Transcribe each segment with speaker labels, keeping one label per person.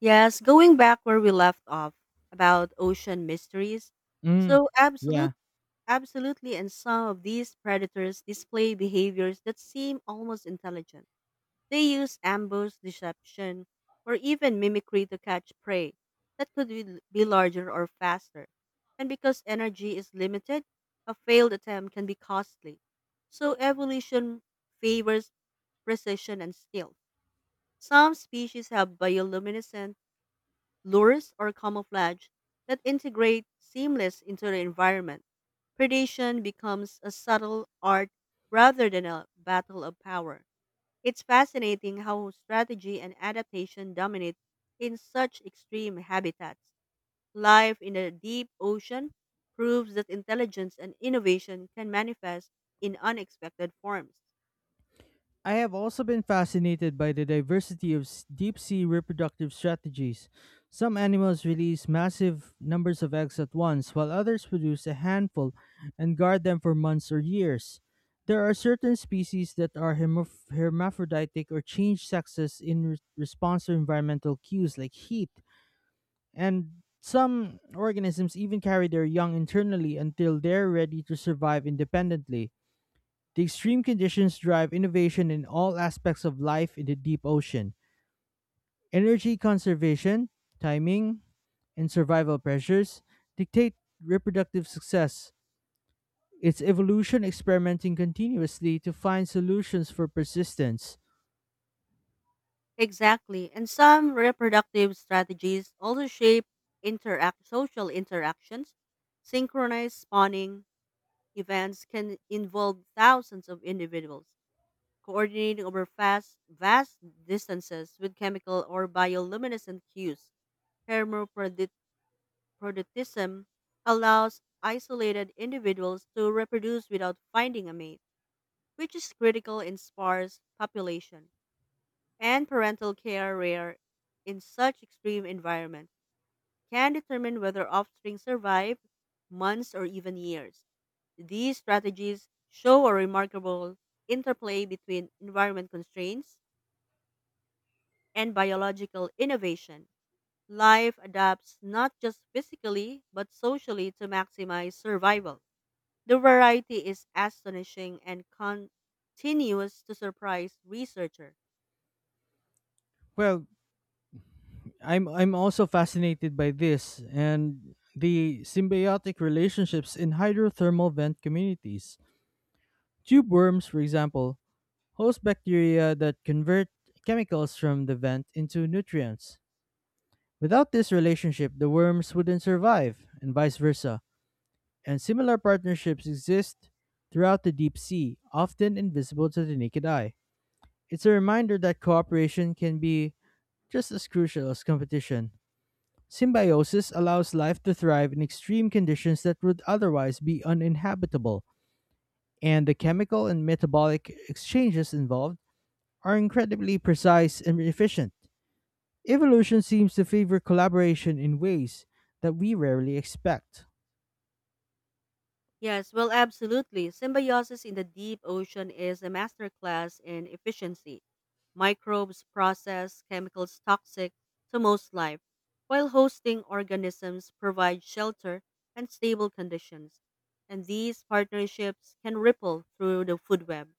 Speaker 1: Yes, going back where we left off about ocean mysteries.
Speaker 2: Mm,
Speaker 1: So absolute
Speaker 2: yeah.
Speaker 1: absolutely and some of these predators display behaviors that seem almost intelligent. They use ambush, deception, or even mimicry to catch prey that could be larger or faster. And because energy is limited, a failed attempt can be costly. So evolution favors precision and skill. Some species have bioluminescent lures, or camouflage that integrate seamless into the environment. Predation becomes a subtle art rather than a battle of power. It's fascinating how strategy and adaptation dominate in such extreme habitats. Life in the deep ocean proves that intelligence and innovation can manifest in unexpected forms.
Speaker 2: I have also been fascinated by the diversity of deep sea reproductive strategies. Some animals release massive numbers of eggs at once, while others produce a handful and guard them for months or years. There are certain species that are hermaphroditic or change sexes in response to environmental cues like heat, and some organisms even carry their young internally until they're ready to survive independently. The extreme conditions drive innovation in all aspects of life in the deep ocean. Energy conservation, timing, and survival pressures dictate reproductive success. It's evolution experimenting continuously to find solutions for persistence.
Speaker 1: Exactly. And some reproductive strategies also shape interact social interactions. Synchronized spawning events can involve thousands of individuals coordinating over fast, vast distances with chemical or bioluminescent cues. Hermaphroditism allows isolated individuals to reproduce without finding a mate, which is critical in sparse population and parental care rare in such extreme environment can determine whether offspring survive months or even years. These strategies show a remarkable interplay between environment constraints and biological innovation. Life adapts not just physically but socially to maximize survival. The variety is astonishing and continues to surprise researchers.
Speaker 2: Well, I'm also fascinated by this and the symbiotic relationships in hydrothermal vent communities. Tube worms, for example, host bacteria that convert chemicals from the vent into nutrients. Without this relationship, the worms wouldn't survive, and vice versa. And similar partnerships exist throughout the deep sea, often invisible to the naked eye. It's a reminder that cooperation can be just as crucial as competition. Symbiosis allows life to thrive in extreme conditions that would otherwise be uninhabitable, and the chemical and metabolic exchanges involved are incredibly precise and efficient. Evolution seems to favor collaboration in ways that we rarely expect.
Speaker 1: Yes, well, absolutely. Symbiosis in the deep ocean is a masterclass in efficiency. Microbes process chemicals toxic to most life, while hosting organisms provide shelter and stable conditions. And these partnerships can ripple through the food web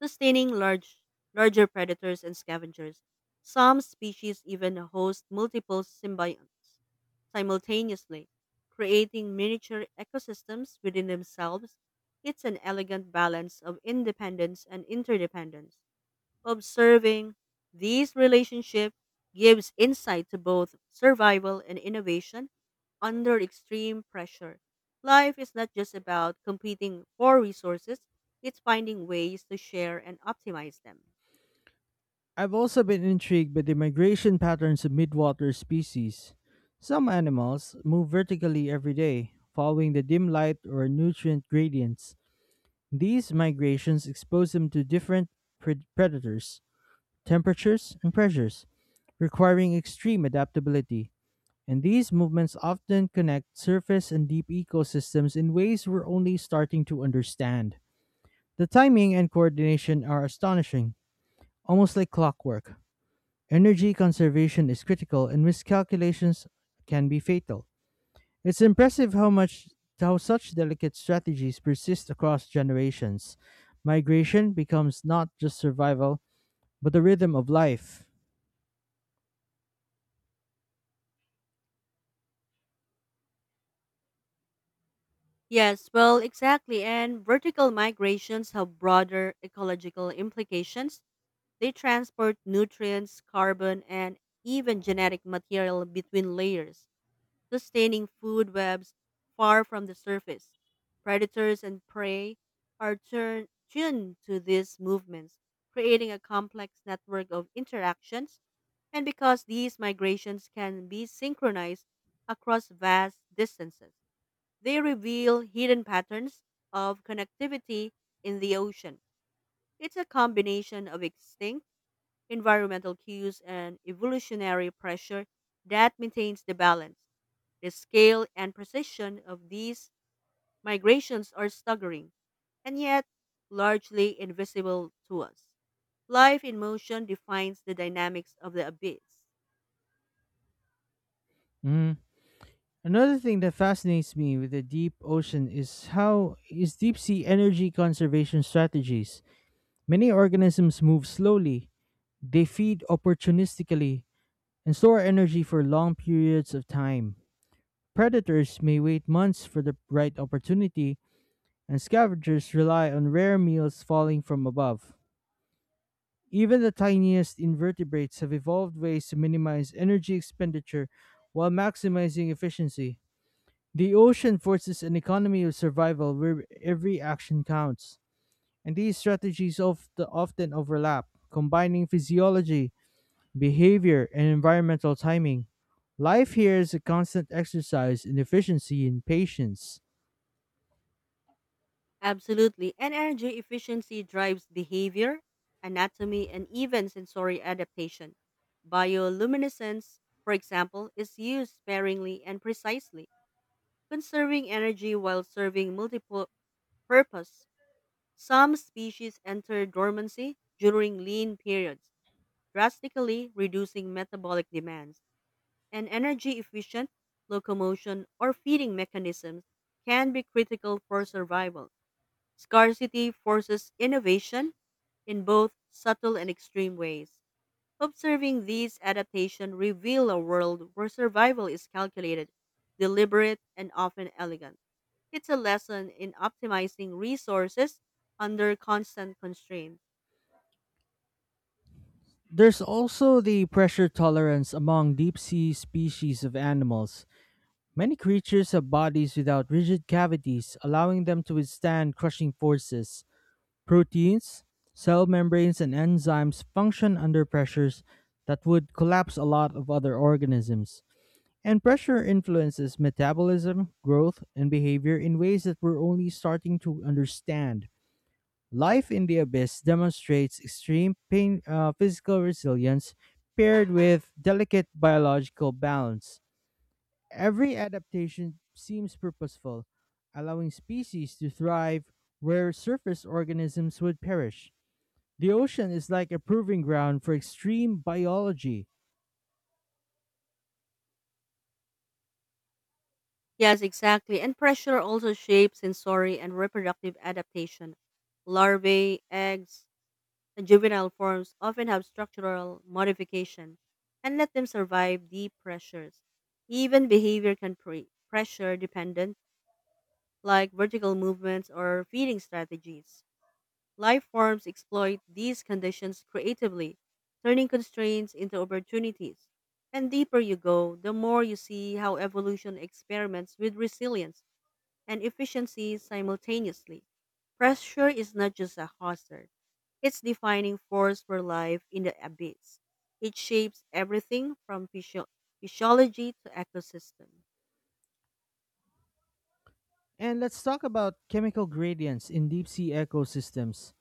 Speaker 1: sustaining larger predators and scavengers. Some species even host multiple symbionts simultaneously, creating miniature ecosystems within themselves. It's an elegant balance of independence and interdependence. Observing these relationships gives insight to both survival and innovation under extreme pressure. Life is not just about competing for resources, it's finding ways to share and optimize them.
Speaker 2: I've also been intrigued by the migration patterns of midwater species. Some animals move vertically every day, following the dim light or nutrient gradients. These migrations expose them to different predators, temperatures, and pressures, requiring extreme adaptability. And these movements often connect surface and deep ecosystems in ways we're only starting to understand. The timing and coordination are astonishing, almost like clockwork. Energy conservation is critical and miscalculations can be fatal. It's impressive how much how such delicate strategies persist across generations. Migration becomes not just survival, but the rhythm of life.
Speaker 1: Yes, well, exactly. And vertical migrations have broader ecological implications. They transport nutrients, carbon, and even genetic material between layers sustaining food webs far from the surface. Predators and prey are tuned to these movements, creating a complex network of interactions. And because these migrations can be synchronized across vast distances, they reveal hidden patterns of connectivity in the ocean. It's a combination of extinct environmental cues and evolutionary pressure that maintains the balance. The scale and precision of these migrations are staggering, and yet largely invisible to us. Life in motion defines the dynamics of the abyss.
Speaker 2: Mm. Another thing that fascinates me with the deep ocean is how is deep sea energy conservation strategies. Many organisms move slowly, they feed opportunistically, and store energy for long periods of time. Predators may wait months for the right opportunity, and scavengers rely on rare meals falling from above. Even the tiniest invertebrates have evolved ways to minimize energy expenditure while maximizing efficiency. The ocean forces an economy of survival where every action counts, and these strategies of the often overlap, combining physiology, behavior, and environmental timing. Life here is a constant exercise in efficiency and patience.
Speaker 1: Absolutely, and energy efficiency drives behavior, anatomy, and even sensory adaptation. Bioluminescence, for example, is used sparingly and precisely, conserving energy while serving multiple purposes. Some species enter dormancy during lean periods, drastically reducing metabolic demands, and energy efficient locomotion or feeding mechanisms can be critical for survival. Scarcity forces innovation in both subtle and extreme ways. Observing these adaptations reveal a world where survival is calculated, deliberate, and often elegant. It's a lesson in optimizing resources under constant constraint.
Speaker 2: There's also the pressure tolerance among deep sea species of animals. Many creatures have bodies without rigid cavities, allowing them to withstand crushing forces. Proteins, cell membranes, and enzymes function under pressures that would collapse a lot of other organisms. And pressure influences metabolism, growth, and behavior in ways that we're only starting to understand. Life in the abyss demonstrates extreme physical resilience paired with delicate biological balance. Every adaptation seems purposeful, allowing species to thrive where surface organisms would perish. The ocean is like a proving ground for extreme biology.
Speaker 1: Yes, exactly. And pressure also shapes sensory and reproductive adaptation. Larvae, eggs, and juvenile forms often have structural modification and let them survive deep pressures. Even behavior can be pressure dependent like vertical movements or feeding strategies. Life forms exploit these conditions creatively, turning constraints into opportunities. And deeper you go, the more you see how evolution experiments with resilience and efficiency simultaneously. Pressure is not just a hazard, it's defining force for life in the abyss. It shapes everything from physiology to ecosystem.
Speaker 2: And let's talk about chemical gradients in deep sea ecosystems.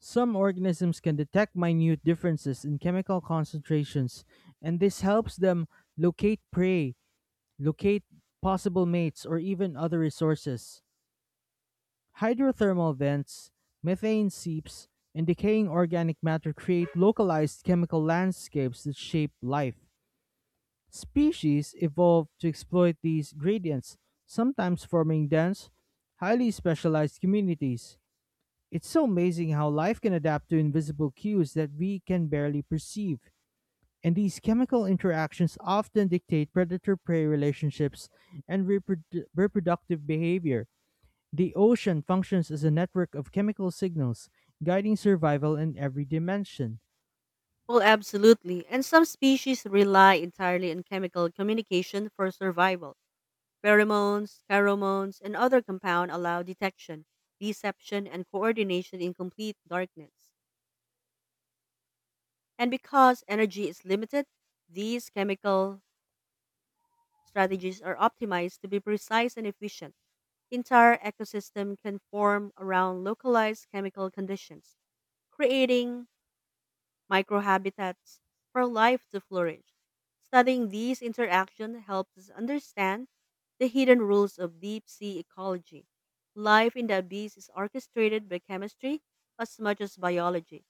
Speaker 2: Some organisms can detect minute differences in chemical concentrations, and this helps them locate prey, locate possible mates, or even other resources. Hydrothermal vents, methane seeps, and decaying organic matter create localized chemical landscapes that shape life. Species evolved to exploit these gradients, sometimes forming dense, highly specialized communities. It's so amazing how life can adapt to invisible cues that we can barely perceive. And these chemical interactions often dictate predator prey relationships and reproductive behavior. The ocean functions as a network of chemical signals, guiding survival in every dimension.
Speaker 1: Well, absolutely. And some species rely entirely on chemical communication for survival. Pheromones, and other compound allow detection, deception, and coordination in complete darkness. And because energy is limited, these chemical strategies are optimized to be precise and efficient. Entire ecosystem can form around localized chemical conditions, creating microhabitats for life to flourish. Studying these interactions helps us understand the hidden rules of deep sea ecology. Life in the abyss is orchestrated by chemistry as much as biology.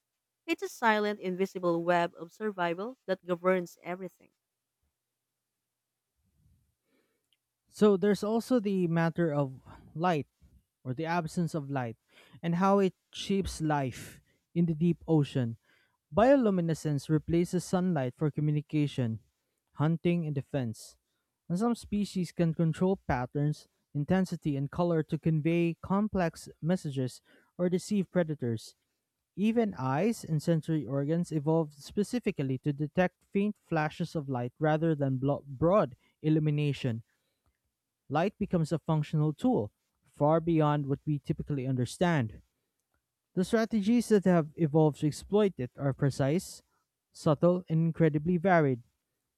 Speaker 1: It's a silent, invisible web of survival that governs everything.
Speaker 2: So there's also the matter of light or the absence of light and how it shapes life in the deep ocean. Bioluminescence replaces sunlight for communication, hunting, and defense. And some species can control patterns, intensity, and color to convey complex messages or deceive predators. Even eyes and sensory organs evolved specifically to detect faint flashes of light rather than broad illumination light becomes a functional tool, far beyond what we typically understand. The strategies that have evolved to exploit it are precise, subtle, and incredibly varied.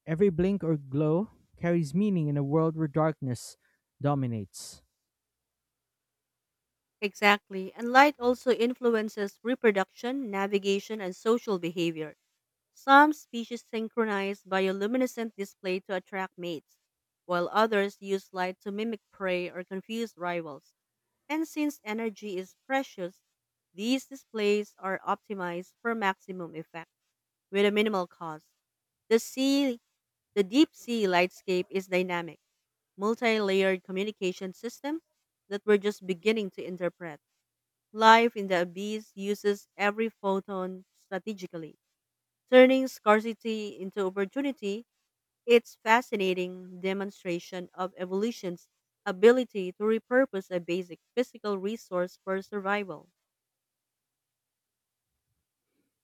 Speaker 2: Every blink or glow carries meaning in a world where darkness dominates.
Speaker 1: Exactly, and light also influences reproduction, navigation, and social behavior. Some species synchronize bioluminescent display to attract mates, while others use light to mimic prey or confuse rivals. And since energy is precious, these displays are optimized for maximum effect with a minimal cost. The sea, the deep sea lightscape is dynamic, multi-layered communication system that we're just beginning to interpret. Life in the abyss uses every photon strategically. Turning scarcity into opportunity, it's fascinating demonstration of evolution's ability to repurpose a basic physical resource for survival.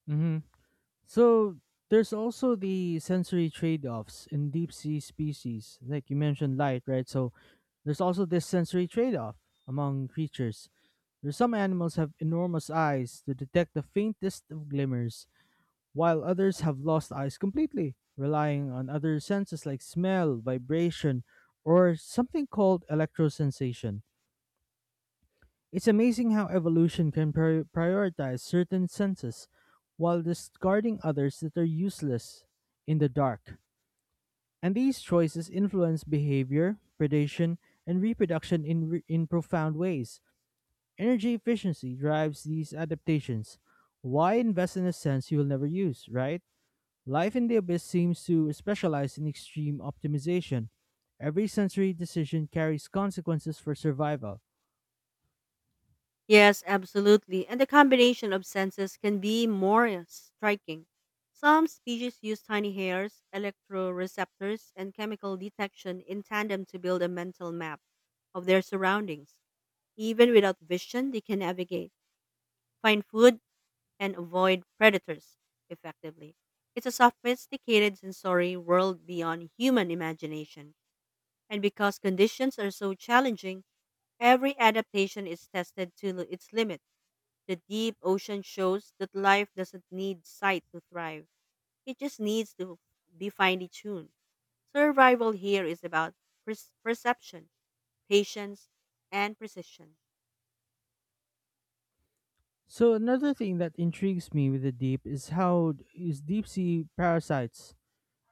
Speaker 2: Hmm. So, there's also the sensory trade offs in deep sea species. Like you mentioned, light, right? So, there's also this sensory trade off among creatures. There's some animals have enormous eyes to detect the faintest of glimmers, while others have lost eyes completely, relying on other senses like smell, vibration, or something called electrosensation. It's amazing how evolution can prioritize certain senses while discarding others that are useless in the dark. And these choices influence behavior, predation, and reproduction in profound ways. Energy efficiency drives these adaptations. Why invest in a sense you will never use, right? Life in the Abyss seems to specialize in extreme optimization. Every sensory decision carries consequences for survival.
Speaker 1: Yes, absolutely. And the combination of senses can be more striking. Some species use tiny hairs, electroreceptors, and chemical detection in tandem to build a mental map of their surroundings. Even without vision, they can navigate, find food, and avoid predators effectively. It's a sophisticated sensory world beyond human imagination. And because conditions are so challenging, every adaptation is tested to its limit. The deep ocean shows that life doesn't need sight to thrive, it just needs to be finely tuned. Survival here is about perception, patience, and precision.
Speaker 2: So another thing that intrigues me with the deep is how is deep sea parasites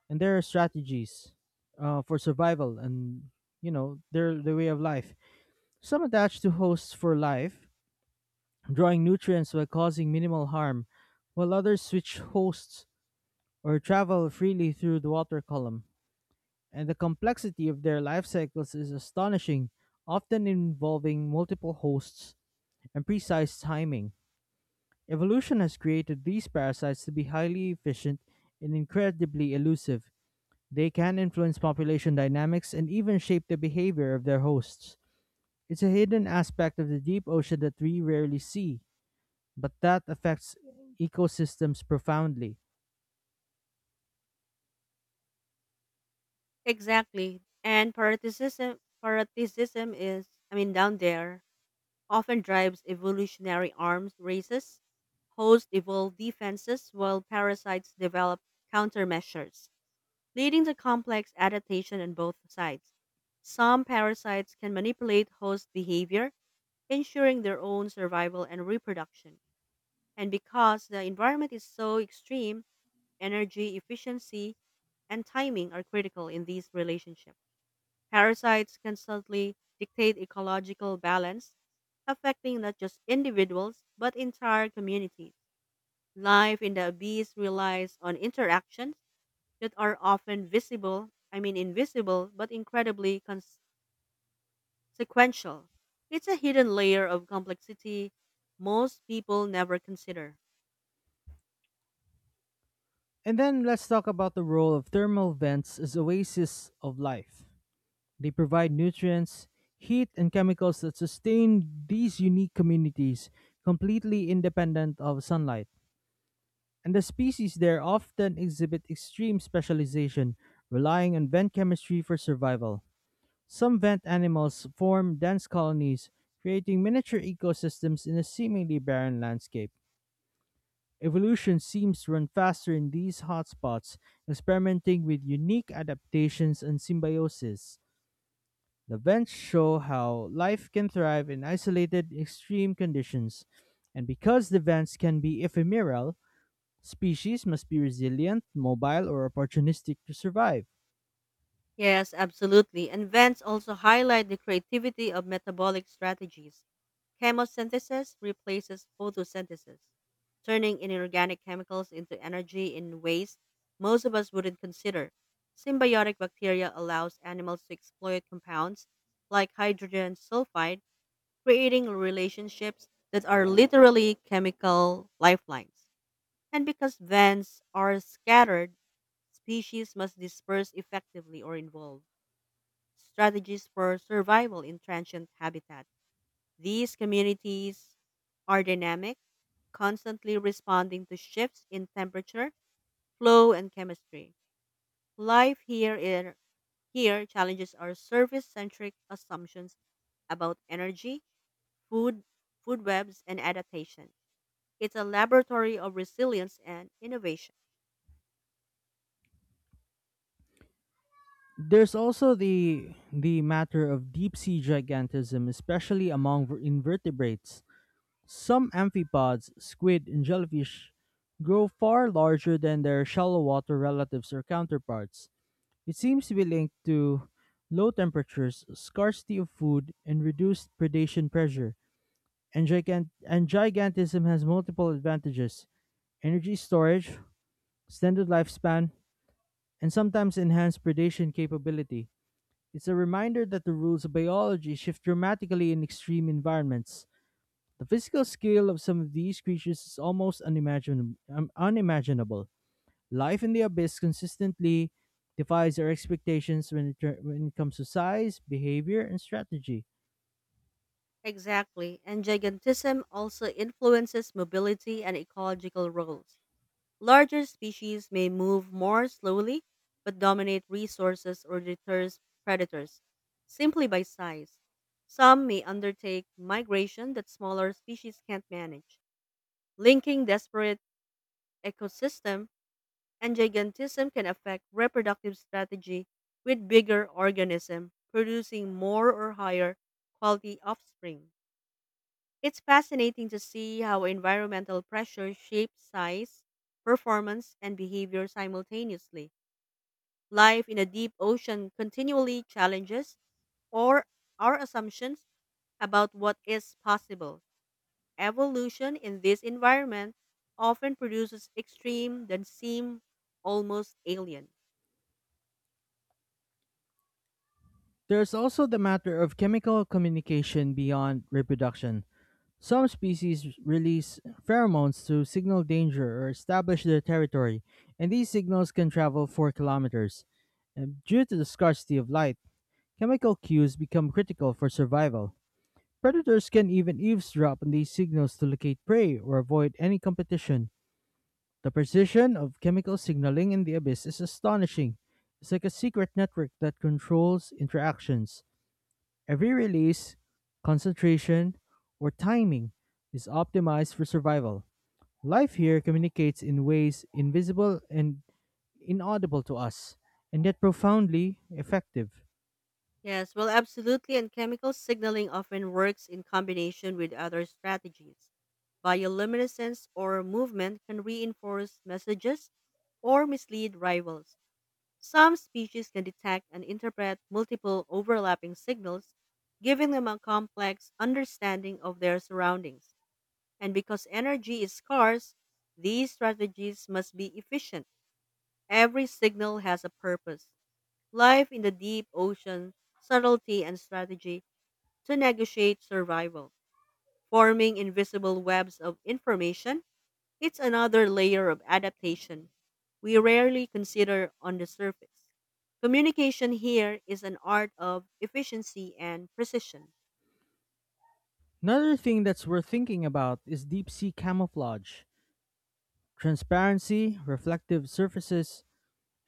Speaker 2: and their strategies for survival and you know their way of life. Some attach to hosts for life, drawing nutrients while causing minimal harm, while others switch hosts or travel freely through the water column. And the complexity of their life cycles is astonishing, often involving multiple hosts and precise timing. Evolution has created these parasites to be highly efficient and incredibly elusive. They can influence population dynamics and even shape the behavior of their hosts. It's a hidden aspect of the deep ocean that we rarely see, but that affects ecosystems profoundly.
Speaker 1: Exactly. And parasitism is, down there, often drives evolutionary arms races. Hosts evolve defenses while parasites develop countermeasures, leading to complex adaptation on both sides. Some parasites can manipulate host behavior, ensuring their own survival and reproduction. And because the environment is so extreme, energy efficiency and timing are critical in these relationships. Parasites constantly dictate ecological balance, affecting not just individuals but entire communities. Life in the abyss relies on interactions that are often visible, I mean invisible, but incredibly consequential. It's a hidden layer of complexity most people never consider.
Speaker 2: And then let's talk about the role of thermal vents as oases of life. They provide nutrients, heat, and chemicals that sustain these unique communities completely independent of sunlight. And the species there often exhibit extreme specialization, relying on vent chemistry for survival. Some vent animals form dense colonies, creating miniature ecosystems in a seemingly barren landscape. Evolution seems to run faster in these hotspots, experimenting with unique adaptations and symbiosis. The vents show how life can thrive in isolated extreme conditions, and because the vents can be ephemeral, species must be resilient, mobile, or opportunistic to survive.
Speaker 1: Yes, absolutely. And vents also highlight the creativity of metabolic strategies. Chemosynthesis replaces photosynthesis, turning inorganic chemicals into energy in ways most of us wouldn't consider. Symbiotic bacteria allows animals to exploit compounds like hydrogen sulfide, creating relationships that are literally chemical lifelines. And because vents are scattered, species must disperse effectively or evolve strategies for survival in transient habitats. These communities are dynamic, constantly responding to shifts in temperature, flow, and chemistry. Life here challenges our surface centric assumptions about energy, food, food webs, and adaptation. It's a laboratory of resilience and innovation.
Speaker 2: There's also the matter of deep sea gigantism, especially among invertebrates. Some amphipods, squid, and jellyfish grow far larger than their shallow water relatives or counterparts. It seems to be linked to low temperatures, scarcity of food, and reduced predation pressure. And gigantism has multiple advantages: energy storage, extended lifespan, and sometimes enhanced predation capability. It's a reminder that the rules of biology shift dramatically in extreme environments. The physical scale of some of these creatures is almost unimaginable. Unimaginable. Life in the Abyss consistently defies our expectations when when it comes to size, behavior, and strategy.
Speaker 1: Exactly, and gigantism also influences mobility and ecological roles. Larger species may move more slowly but dominate resources or deter predators simply by size. Some may undertake migration that smaller species can't manage. Linking desperate ecosystem and gigantism can affect reproductive strategy with bigger organism producing more or higher quality offspring. It's fascinating to see how environmental pressure shapes size, performance, and behavior simultaneously. Life in a deep ocean continually challenges or our assumptions about what is possible. Evolution in this environment often produces extreme that seem almost alien.
Speaker 2: There's also the matter of chemical communication beyond reproduction. Some species release pheromones to signal danger or establish their territory, and these signals can travel 4 kilometers. And due to the scarcity of light, chemical cues become critical for survival. Predators can even eavesdrop on these signals to locate prey or avoid any competition. The precision of chemical signaling in the abyss is astonishing. It's like a secret network that controls interactions. Every release, concentration, or timing is optimized for survival. Life here communicates in ways invisible and inaudible to us, and yet profoundly effective.
Speaker 1: Yes, well, absolutely. And chemical signaling often works in combination with other strategies. Bioluminescence or movement can reinforce messages or mislead rivals. Some species can detect and interpret multiple overlapping signals, giving them a complex understanding of their surroundings. And because energy is scarce, these strategies must be efficient. Every signal has a purpose. Life in the deep ocean, subtlety, and strategy to negotiate survival, forming invisible webs of information. It's another layer of adaptation we rarely consider on the surface. Communication here is an art of efficiency and precision.
Speaker 2: Another thing that's worth thinking about is deep sea camouflage. Transparency, reflective surfaces,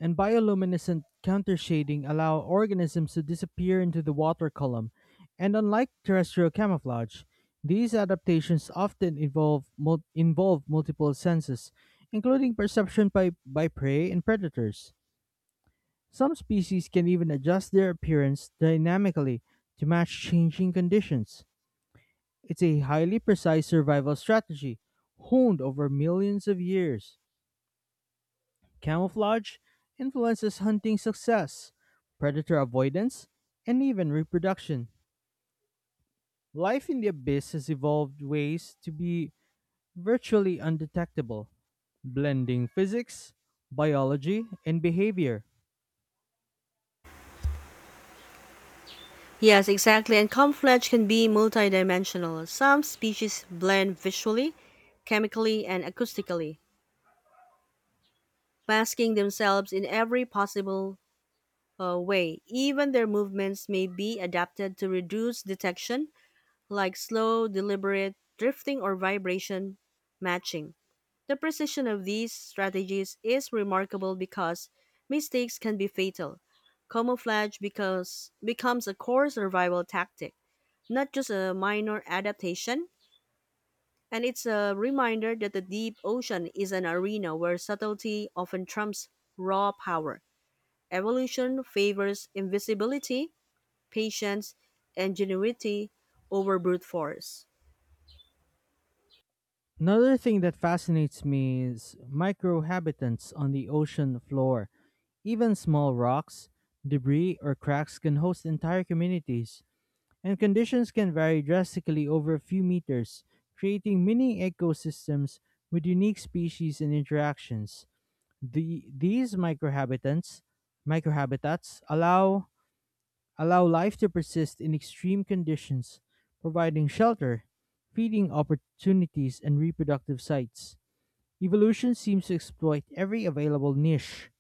Speaker 2: and bioluminescent countershading allow organisms to disappear into the water column, and unlike terrestrial camouflage, these adaptations often involve multiple senses, including perception by prey and predators. Some species can even adjust their appearance dynamically to match changing conditions. It's a highly precise survival strategy, honed over millions of years. Camouflage influences hunting success, predator avoidance, and even reproduction. Life in the abyss has evolved ways to be virtually undetectable, blending physics, biology, and behavior.
Speaker 1: Yes, exactly. And camouflage can be multidimensional. Some species blend visually, chemically, and acoustically, masking themselves in every possible way. Even their movements may be adapted to reduce detection like slow, deliberate, drifting, or vibration matching. The precision of these strategies is remarkable because mistakes can be fatal. Camouflage because becomes a core survival tactic, not just a minor adaptation, and it's a reminder that the deep ocean is an arena where subtlety often trumps raw power. Evolution favors invisibility, patience, and ingenuity over brute force.
Speaker 2: Another thing that fascinates me is microhabitants on the ocean floor. Even small rocks, debris, or cracks can host entire communities, and conditions can vary drastically over a few meters, creating mini ecosystems with unique species and interactions. The, these microhabitats, microhabitats allow life to persist in extreme conditions, providing shelter, feeding opportunities, and reproductive sites. Evolution seems to exploit every available niche,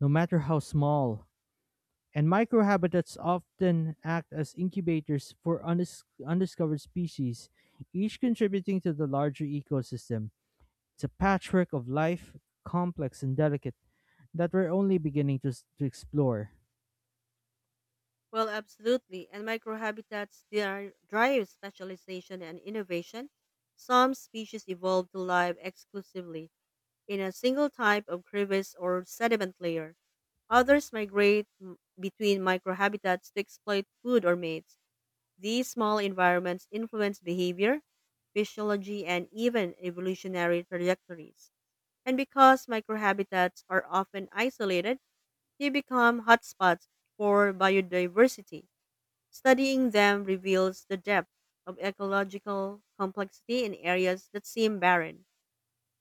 Speaker 2: no matter how small. And microhabitats often act as incubators for undiscovered species, each contributing to the larger ecosystem. It's a patchwork of life, complex and delicate, that we're only beginning to, to explore.
Speaker 1: Well, absolutely. And microhabitats they are drive specialization and innovation. Some species evolved to live exclusively in a single type of crevice or sediment layer. Others migrate between microhabitats to exploit food or mates. These small environments influence behavior, physiology, and even evolutionary trajectories. And because microhabitats are often isolated, they become hotspots for biodiversity. Studying them reveals the depth of ecological complexity in areas that seem barren.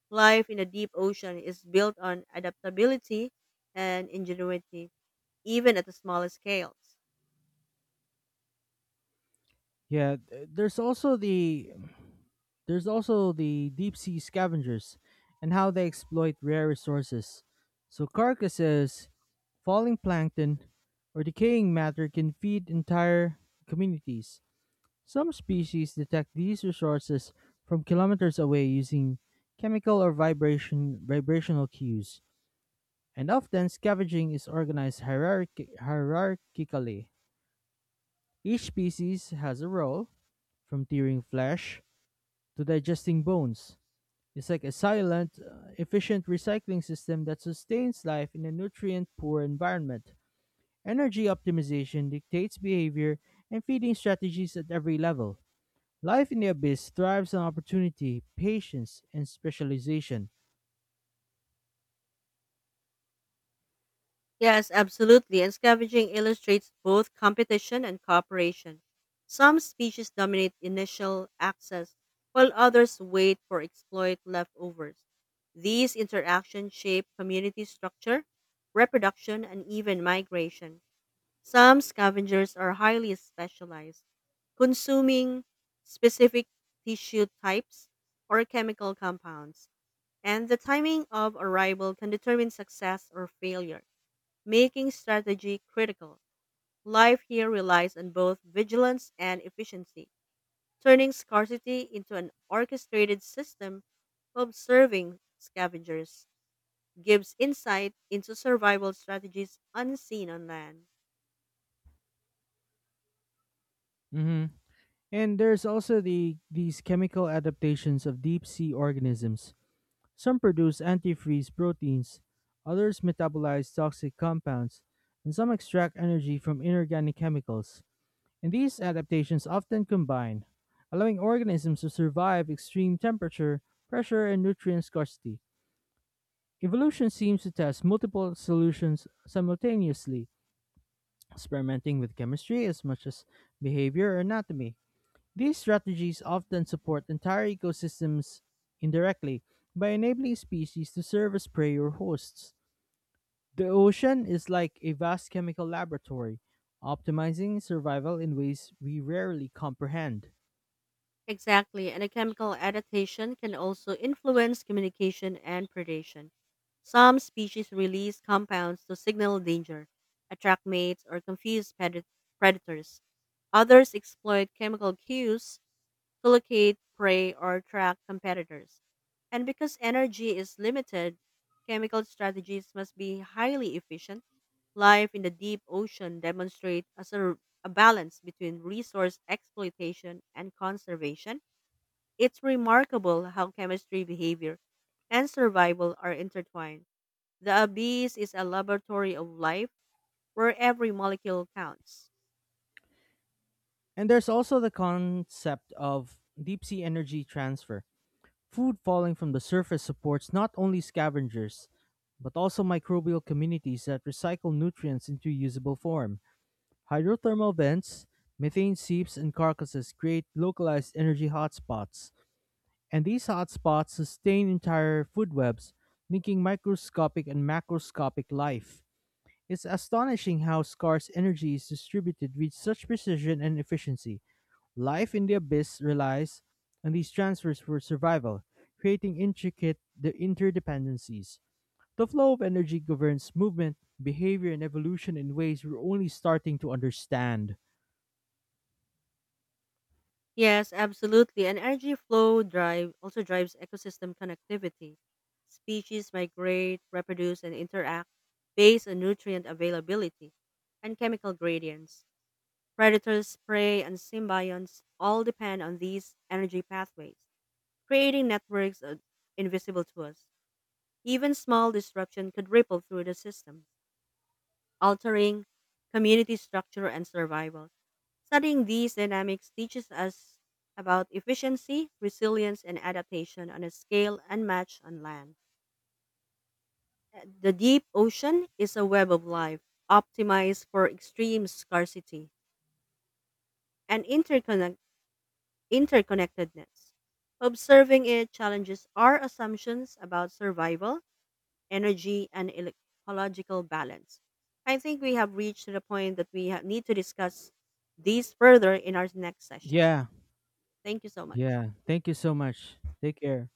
Speaker 1: Life in the deep ocean is built on adaptability and ingenuity, even at the smallest scales.
Speaker 2: Yeah, there's also the deep sea scavengers and how they exploit rare resources. So carcasses, falling plankton, or decaying matter can feed entire communities. Some species detect these resources from kilometers away using chemical or vibrational cues, and often scavenging is organized hierarchically. Each species has a role, from tearing flesh to digesting bones. It's like a silent, efficient recycling system that sustains life in a nutrient poor environment. Energy optimization dictates behavior and feeding strategies at every level. Life in the Abyss thrives on opportunity, patience, and specialization.
Speaker 1: Yes, absolutely. And scavenging illustrates both competition and cooperation. Some species dominate initial access, while others wait for exploit leftovers. These interactions shape community structure, reproduction, and even migration. Some scavengers are highly specialized, consuming specific tissue types or chemical compounds, and the timing of arrival can determine success or failure, making strategy critical. Life here relies on both vigilance and efficiency, turning scarcity into an orchestrated system. Observing scavengers gives insight into survival strategies unseen on land.
Speaker 2: Hmm. And there's also these chemical adaptations of deep sea organisms. Some produce antifreeze proteins, others metabolize toxic compounds, and some extract energy from inorganic chemicals. And these adaptations often combine, allowing organisms to survive extreme temperature, pressure, and nutrient scarcity. Evolution seems to test multiple solutions simultaneously, experimenting with chemistry as much as behavior or anatomy. These strategies often support entire ecosystems indirectly by enabling species to serve as prey or hosts. The ocean is like a vast chemical laboratory, optimizing survival in ways we rarely comprehend.
Speaker 1: Exactly, and a chemical adaptation can also influence communication and predation. Some species release compounds to signal danger, attract mates, or confuse predators. Others exploit chemical cues to locate prey or track competitors. And because energy is limited, chemical strategies must be highly efficient. Life in the deep ocean demonstrates a balance between resource exploitation and conservation. It's remarkable how chemistry, behavior, and survival are intertwined. The abyss is a laboratory of life where every molecule counts.
Speaker 2: And there's also the concept of deep sea energy transfer. Food falling from the surface supports not only scavengers, but also microbial communities that recycle nutrients into usable form. Hydrothermal vents, methane seeps, and carcasses create localized energy hotspots, and these hotspots sustain entire food webs, linking microscopic and macroscopic life. It's astonishing how scarce energy is distributed with such precision and efficiency. Life in the abyss relies on these transfers for survival, creating intricate the interdependencies. The flow of energy governs movement, behavior, and evolution in ways we're only starting to understand.
Speaker 1: Yes, absolutely. An energy flow drive also drives ecosystem connectivity. Species migrate, reproduce, and interact based on nutrient availability and chemical gradients. Predators, prey, and symbionts all depend on these energy pathways, creating networks invisible to us. Even small disruption could ripple through the system, altering community structure and survival. Studying these dynamics teaches us about efficiency, resilience, and adaptation on a scale unmatched on land. The deep ocean is a web of life, optimized for extreme scarcity and interconnectedness. Observing it challenges our assumptions about survival energy, and ecological balance. I think we have reached the point that we need to discuss these further in our next session.
Speaker 2: Yeah,
Speaker 1: Thank you so much.
Speaker 2: yeah. Thank you so much. Take care.